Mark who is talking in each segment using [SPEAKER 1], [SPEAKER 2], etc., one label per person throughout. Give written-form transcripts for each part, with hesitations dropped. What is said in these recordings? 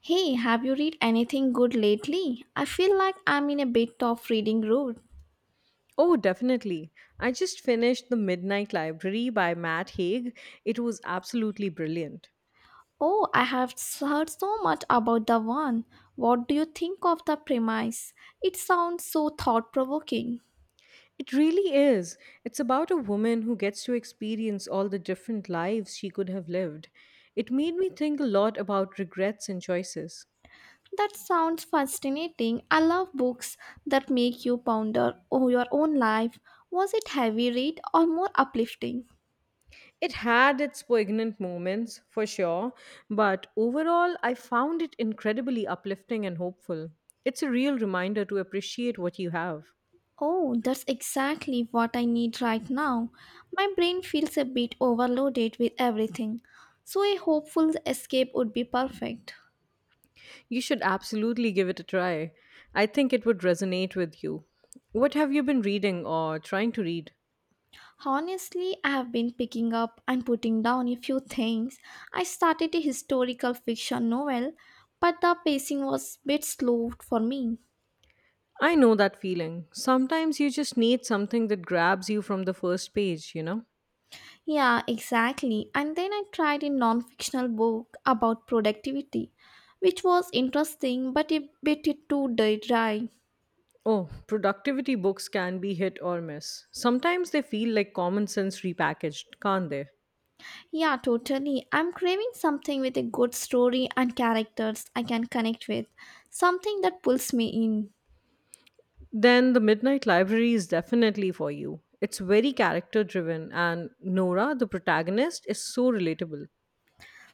[SPEAKER 1] Hey, have you read anything good lately? I feel like I'm in a bit of reading road.
[SPEAKER 2] Oh, definitely. I just finished The Midnight Library by Matt Haig. It was absolutely brilliant.
[SPEAKER 1] Oh, I have heard so much about the one. What do you think of the premise? It sounds so thought provoking.
[SPEAKER 2] It really is. It's about a woman who gets to experience all the different lives she could have lived. It made me think a lot about regrets and choices.
[SPEAKER 1] That sounds fascinating. I love books that make you ponder your own life. Was it heavy read or more uplifting?
[SPEAKER 2] It had its poignant moments, for sure, but overall, I found it incredibly uplifting and hopeful. It's a real reminder to appreciate what you have.
[SPEAKER 1] Oh, that's exactly what I need right now. My brain feels a bit overloaded with everything, so a hopeful escape would be perfect.
[SPEAKER 2] You should absolutely give it a try. I think it would resonate with you. What have you been reading or trying to read?
[SPEAKER 1] Honestly, I have been picking up and putting down a few things. I started a historical fiction novel, but the pacing was a bit slow for me.
[SPEAKER 2] I know that feeling. Sometimes you just need something that grabs you from the first page, you know?
[SPEAKER 1] Yeah, exactly. And then I tried a non fictional book about productivity, which was interesting but a bit too dry.
[SPEAKER 2] Oh, productivity books can be hit or miss. Sometimes they feel like common sense repackaged, can't they?
[SPEAKER 1] Yeah, totally. I'm craving something with a good story and characters I can connect with, something that pulls me in.
[SPEAKER 2] Then The Midnight Library is definitely for you. It's very character driven, and Nora, the protagonist, is so relatable.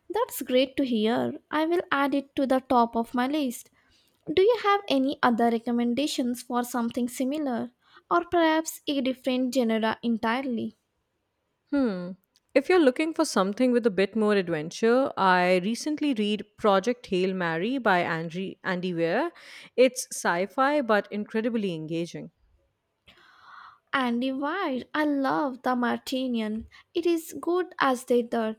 [SPEAKER 1] That's great to hear. I will add it to the top of my list. Do you have any other recommendations for something similar, or perhaps a different genre entirely?
[SPEAKER 2] Hmm. If you're looking for something with a bit more adventure, I recently read Project Hail Mary by Andy Weir. It's sci fi but incredibly engaging.
[SPEAKER 1] Andy Weir, I love The Martinian. It is good as they are.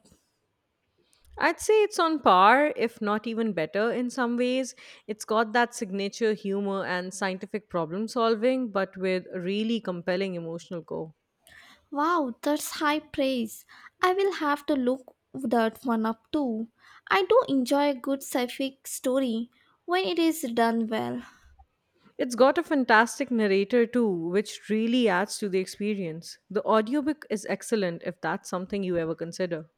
[SPEAKER 2] I'd say it's on par, if not even better in some ways. It's got that signature humor and scientific problem solving, but with a really compelling emotional core.
[SPEAKER 1] Wow, that's high praise. I will have to look that one up too. I do enjoy a good sci-fi story when it is done well.
[SPEAKER 2] It's got a fantastic narrator too, which really adds to the experience. The audiobook is excellent if that's something you ever consider.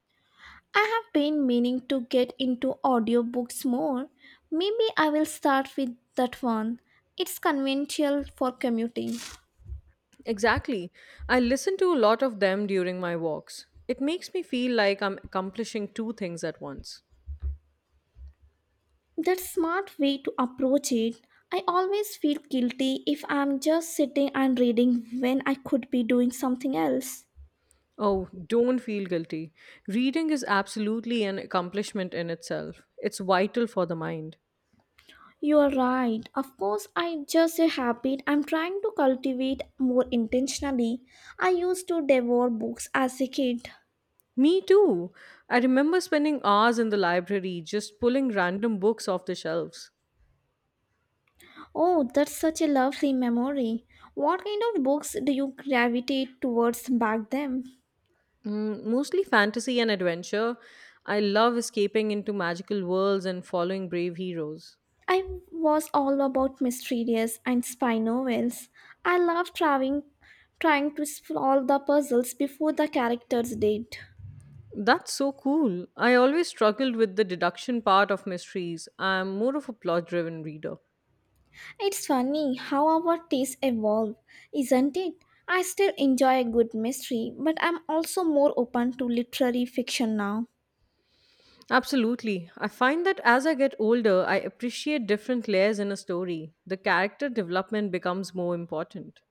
[SPEAKER 1] I have been meaning to get into audiobooks more. Maybe I will start with that one. It's conventional for commuting.
[SPEAKER 2] Exactly. I listen to a lot of them during my walks. It makes me feel like I'm accomplishing two things at once.
[SPEAKER 1] That's smart way to approach it. I always feel guilty if I'm just sitting and reading when I could be doing something else.
[SPEAKER 2] Oh, don't feel guilty. Reading is absolutely an accomplishment in itself, it's vital for the mind.
[SPEAKER 1] You are right. Of course, I just a habit I'm trying to cultivate more intentionally. I used to devour books as a kid.
[SPEAKER 2] Me too. I remember spending hours in the library just pulling random books off the shelves.
[SPEAKER 1] Oh, that's such a lovely memory. What kind of books do you gravitate towards back then?
[SPEAKER 2] Mm, mostly fantasy and adventure. I love escaping into magical worlds and following brave heroes.
[SPEAKER 1] I was all about mysterious and spy novels. I loved trying to solve the puzzles before the characters did.
[SPEAKER 2] That's so cool. I always struggled with the deduction part of mysteries. I'm more of a plot driven reader.
[SPEAKER 1] It's funny how our tastes evolve, isn't it? I still enjoy a good mystery, but I'm also more open to literary fiction now.
[SPEAKER 2] Absolutely. I find that as I get older, I appreciate different layers in a story. The character development becomes more important.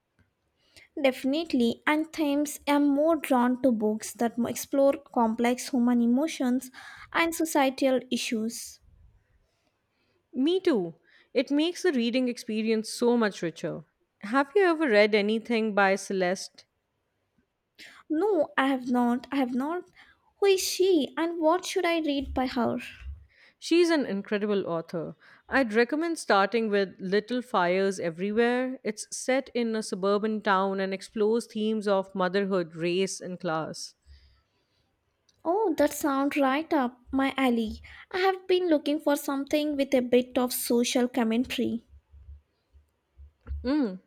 [SPEAKER 1] Definitely, and themes I'm more drawn to books that explore complex human emotions and societal issues.
[SPEAKER 2] Me too. It makes the reading experience so much richer. Have you ever read anything by Celeste?
[SPEAKER 1] No, I have not. Who is she and what should I read by her?
[SPEAKER 2] She's an incredible author. I'd recommend starting with Little Fires Everywhere. It's set in a suburban town and explores themes of motherhood, race, and class.
[SPEAKER 1] Oh, that sounds right up my alley. I have been looking for something with a bit of social commentary.
[SPEAKER 2] Mm.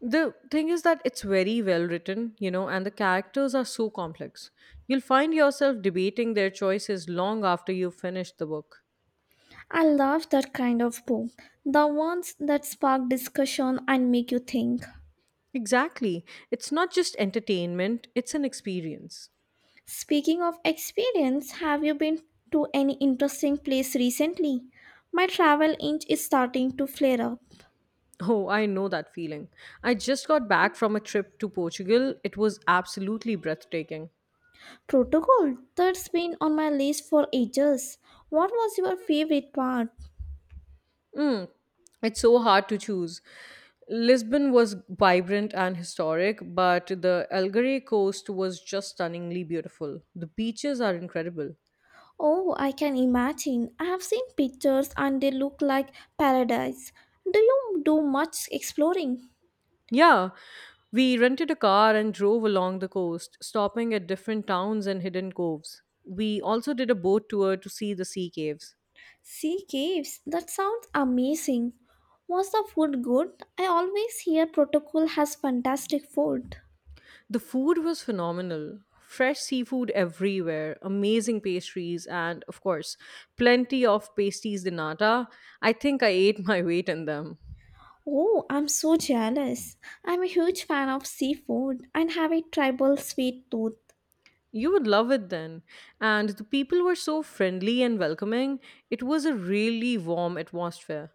[SPEAKER 2] The thing is that it's very well written, you know, and the characters are so complex. You'll find yourself debating their choices long after you've finished the book.
[SPEAKER 1] I love that kind of book, the ones that spark discussion and make you think.
[SPEAKER 2] Exactly. It's not just entertainment, it's an experience.
[SPEAKER 1] Speaking of experience, have you been to any interesting place recently? My travel itch is starting to flare up.
[SPEAKER 2] Oh, I know that feeling. I just got back from a trip to Portugal. It was absolutely breathtaking.
[SPEAKER 1] Protocol, that's been on my list for ages. What was your favorite part?
[SPEAKER 2] Mm, it's so hard to choose. Lisbon was vibrant and historic, but the Algarve coast was just stunningly beautiful. The beaches are incredible.
[SPEAKER 1] Oh, I can imagine. I have seen pictures and they look like paradise. Do you do much exploring?
[SPEAKER 2] Yeah, we rented a car and drove along the coast, stopping at different towns and hidden coves. We also did a boat tour to see the sea caves.
[SPEAKER 1] Sea caves? That sounds amazing. Was the food good? I always hear Protocol has fantastic food.
[SPEAKER 2] The food was phenomenal. Fresh seafood everywhere, amazing pastries, and of course, plenty of pasties de nata. I think I ate my weight in them.
[SPEAKER 1] Oh, I'm so jealous. I'm a huge fan of seafood and have a tribal sweet tooth.
[SPEAKER 2] You would love it then. And the people were so friendly and welcoming. It was a really warm atmosphere.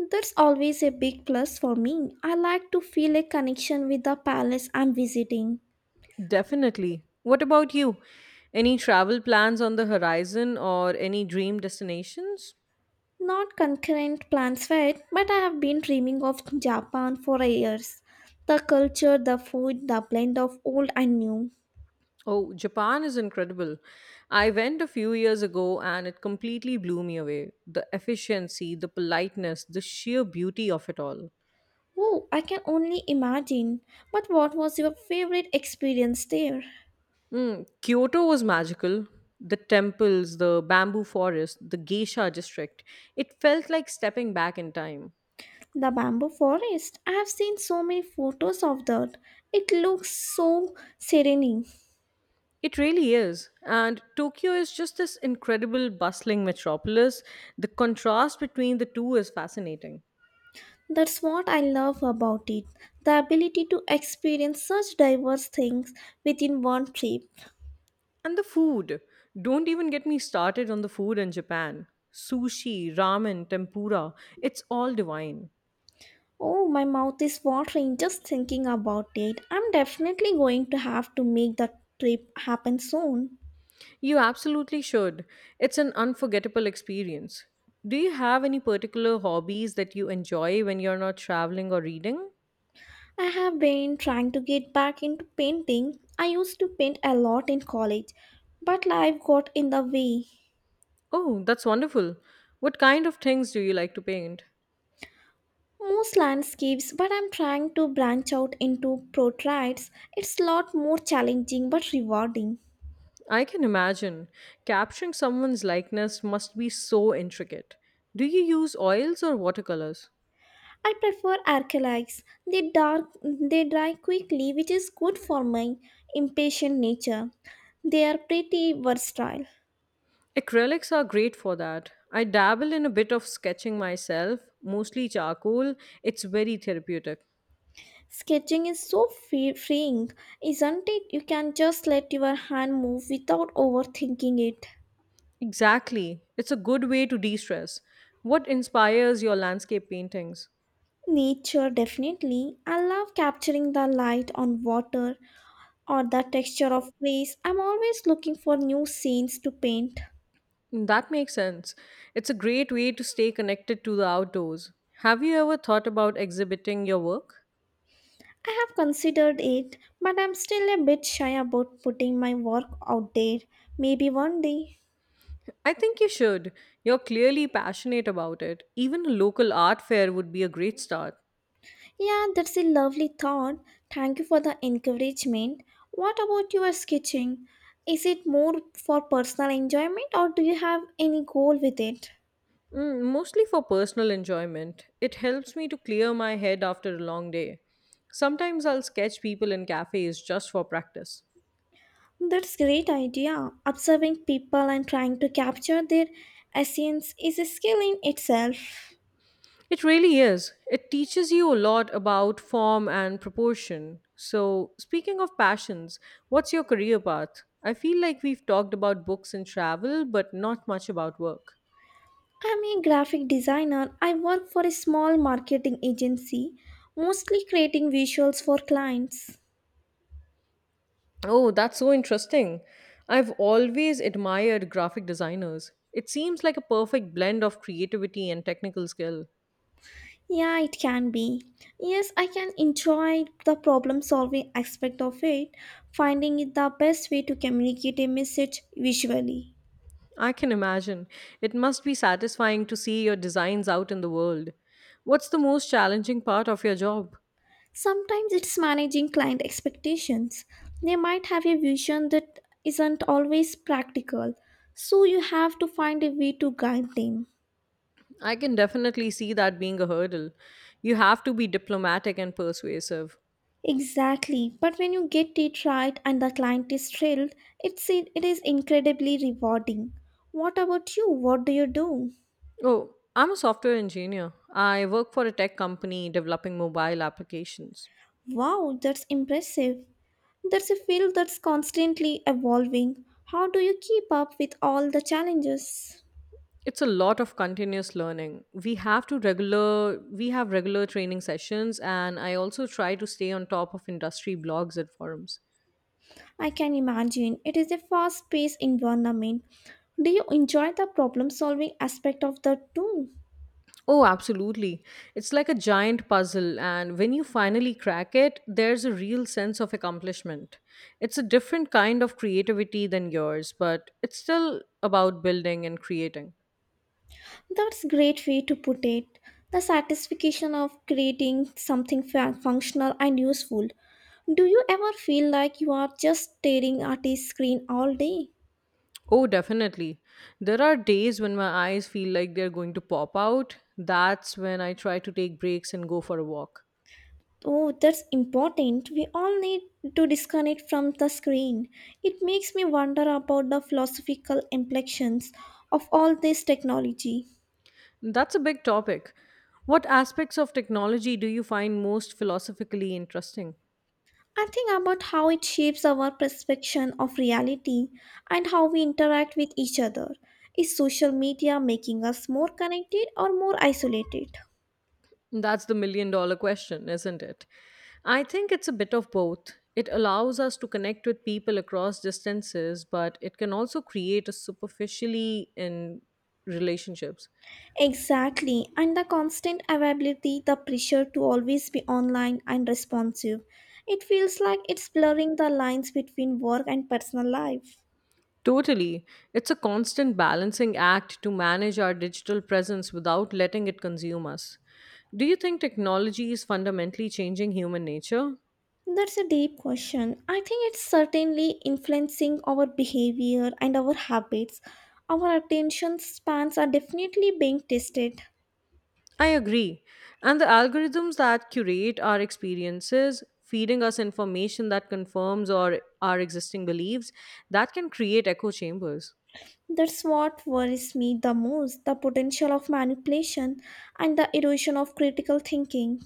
[SPEAKER 1] That's always a big plus for me. I like to feel a connection with the palace I'm visiting.
[SPEAKER 2] Definitely. What about you? Any travel plans on the horizon or any dream destinations?
[SPEAKER 1] Not concurrent plans for it, but I have been dreaming of Japan for years. The culture, the food, the blend of old and new.
[SPEAKER 2] Oh, Japan is incredible. I went a few years ago and it completely blew me away. The efficiency, the politeness, the sheer beauty of it all.
[SPEAKER 1] Oh, I can only imagine. But what was your favorite experience there?
[SPEAKER 2] Mm, Kyoto was magical. The temples, the bamboo forest, the geisha district. It felt like stepping back in time.
[SPEAKER 1] The bamboo forest. I have seen so many photos of that. It looks so serene.
[SPEAKER 2] It really is. And Tokyo is just this incredible bustling metropolis. The contrast between the two is fascinating.
[SPEAKER 1] That's what I love about it. The ability to experience such diverse things within one trip.
[SPEAKER 2] And the food. Don't even get me started on the food in Japan. Sushi, ramen, tempura, it's all divine.
[SPEAKER 1] Oh, my mouth is watering just thinking about it. I'm definitely going to have to make that trip happen soon.
[SPEAKER 2] You absolutely should. It's an unforgettable experience. Do you have any particular hobbies that you enjoy when you're not traveling or reading?
[SPEAKER 1] I have been trying to get back into painting. I used to paint a lot in college, but life got in the way.
[SPEAKER 2] Oh, that's wonderful. What kind of things do you like to paint?
[SPEAKER 1] Most landscapes, but I'm trying to branch out into portraits. It's a lot more challenging but rewarding.
[SPEAKER 2] I can imagine. Capturing someone's likeness must be so intricate. Do you use oils or watercolors?
[SPEAKER 1] I prefer acrylics. They dry quickly, which is good for my impatient nature. They are pretty versatile.
[SPEAKER 2] Acrylics are great for that. I dabble in a bit of sketching myself, mostly charcoal. It's very therapeutic.
[SPEAKER 1] Sketching is so freeing, isn't it? You can just let your hand move without overthinking it.
[SPEAKER 2] Exactly. It's a good way to de stress. What inspires your landscape paintings?
[SPEAKER 1] Nature, definitely. I love capturing the light on water or the texture of trees. I'm always looking for new scenes to paint.
[SPEAKER 2] That makes sense. It's a great way to stay connected to the outdoors. Have you ever thought about exhibiting your work?
[SPEAKER 1] I have considered it, but I'm still a bit shy about putting my work out there. Maybe one day.
[SPEAKER 2] I think you should. You're clearly passionate about it. Even a local art fair would be a great start.
[SPEAKER 1] Yeah, that's a lovely thought. Thank you for the encouragement. What about your sketching? Is it more for personal enjoyment or do you have any goal with it?
[SPEAKER 2] Mm, mostly for personal enjoyment. It helps me to clear my head after a long day. Sometimes I'll sketch people in cafes just for practice.
[SPEAKER 1] That's great idea. Observing people and trying to capture their essence is a skill in itself.
[SPEAKER 2] It really is. It teaches you a lot about form and proportion. So, speaking of passions, what's your career path? I feel like we've talked about books and travel, but not much about work.
[SPEAKER 1] I'm a graphic designer. I work for a small marketing agency, mostly creating visuals for clients.
[SPEAKER 2] Oh, that's so interesting. I've always admired graphic designers. It seems like a perfect blend of creativity and technical skill.
[SPEAKER 1] Yeah, it can be. Yes, I can enjoy the problem solving aspect of it, finding it the best way to communicate a message visually.
[SPEAKER 2] I can imagine. It must be satisfying to see your designs out in the world. What's the most challenging part of your job?
[SPEAKER 1] Sometimes it's managing client expectations. They might have a vision that isn't always practical, so you have to find a way to guide them.
[SPEAKER 2] I can definitely see that being a hurdle. You have to be diplomatic and persuasive.
[SPEAKER 1] Exactly, but when you get it right and the client is thrilled, it is incredibly rewarding. What about you? What do you do?
[SPEAKER 2] Oh, I'm a software engineer. I work for a tech company developing mobile applications.
[SPEAKER 1] Wow, that's impressive. That's a field that's constantly evolving. How do you keep up with all the challenges?
[SPEAKER 2] It's a lot of continuous learning. We have regular training sessions and I also try to stay on top of industry blogs and forums.
[SPEAKER 1] I can imagine it is a fast paced environment. Do you enjoy the problem solving aspect of the too?
[SPEAKER 2] Oh, absolutely. It's like a giant puzzle, and when you finally crack it, there's a real sense of accomplishment. It's a different kind of creativity than yours, but it's still about building and creating.
[SPEAKER 1] That's great way to put it. The satisfaction of creating something functional and useful. Do you ever feel like you are just staring at a screen all day?
[SPEAKER 2] Oh, definitely. There are days when my eyes feel like they're going to pop out. That's when I try to take breaks and go for a walk.
[SPEAKER 1] Oh, that's important. We all need to disconnect from the screen. It makes me wonder about the philosophical implications of all this technology.
[SPEAKER 2] That's a big topic. What aspects of technology do you find most philosophically interesting?
[SPEAKER 1] I think about how it shapes our perception of reality and how we interact with each other. Is social media making us more connected or more isolated?
[SPEAKER 2] That's the $1 million question, isn't it? I think it's a bit of both. It allows us to connect with people across distances, but it can also create a superficially in relationships.
[SPEAKER 1] Exactly, and the constant availability, the pressure to always be online and responsive. It feels like it's blurring the lines between work and personal life.
[SPEAKER 2] Totally. It's a constant balancing act to manage our digital presence without letting it consume us. Do you think technology is fundamentally changing human nature?
[SPEAKER 1] That's a deep question. I think it's certainly influencing our behavior and our habits. Our attention spans are definitely being tested.
[SPEAKER 2] I agree. And the algorithms that curate our experiences, feeding us information that confirms or our existing beliefs, that can create echo chambers.
[SPEAKER 1] That's what worries me the most the potential of manipulation and the erosion of critical thinking.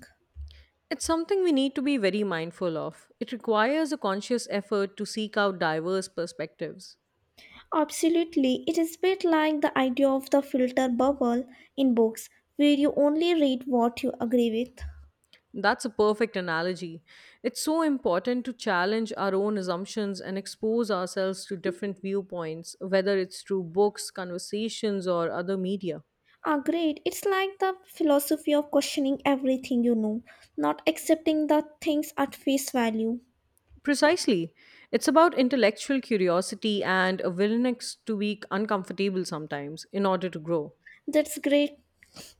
[SPEAKER 2] It's something we need to be very mindful of. It requires a conscious effort to seek out diverse perspectives.
[SPEAKER 1] Absolutely, it is a bit like the idea of the filter bubble in books where you only read what you agree with.
[SPEAKER 2] That's a perfect analogy. It's so important to challenge our own assumptions and expose ourselves to different viewpoints, whether it's through books, conversations, or other media.
[SPEAKER 1] Agreed, it's like the philosophy of questioning everything you know, not accepting the things at face value.
[SPEAKER 2] Precisely. It's about intellectual curiosity and a willingness to be uncomfortable sometimes in order to grow.
[SPEAKER 1] That's great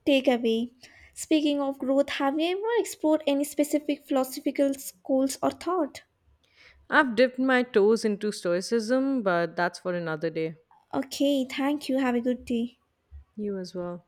[SPEAKER 1] takeaway. Speaking of growth, have you ever explored any specific philosophical schools or thought?
[SPEAKER 2] I've dipped my toes into Stoicism, but that's for another day.
[SPEAKER 1] Okay, thank you. Have a good day.
[SPEAKER 2] You as well.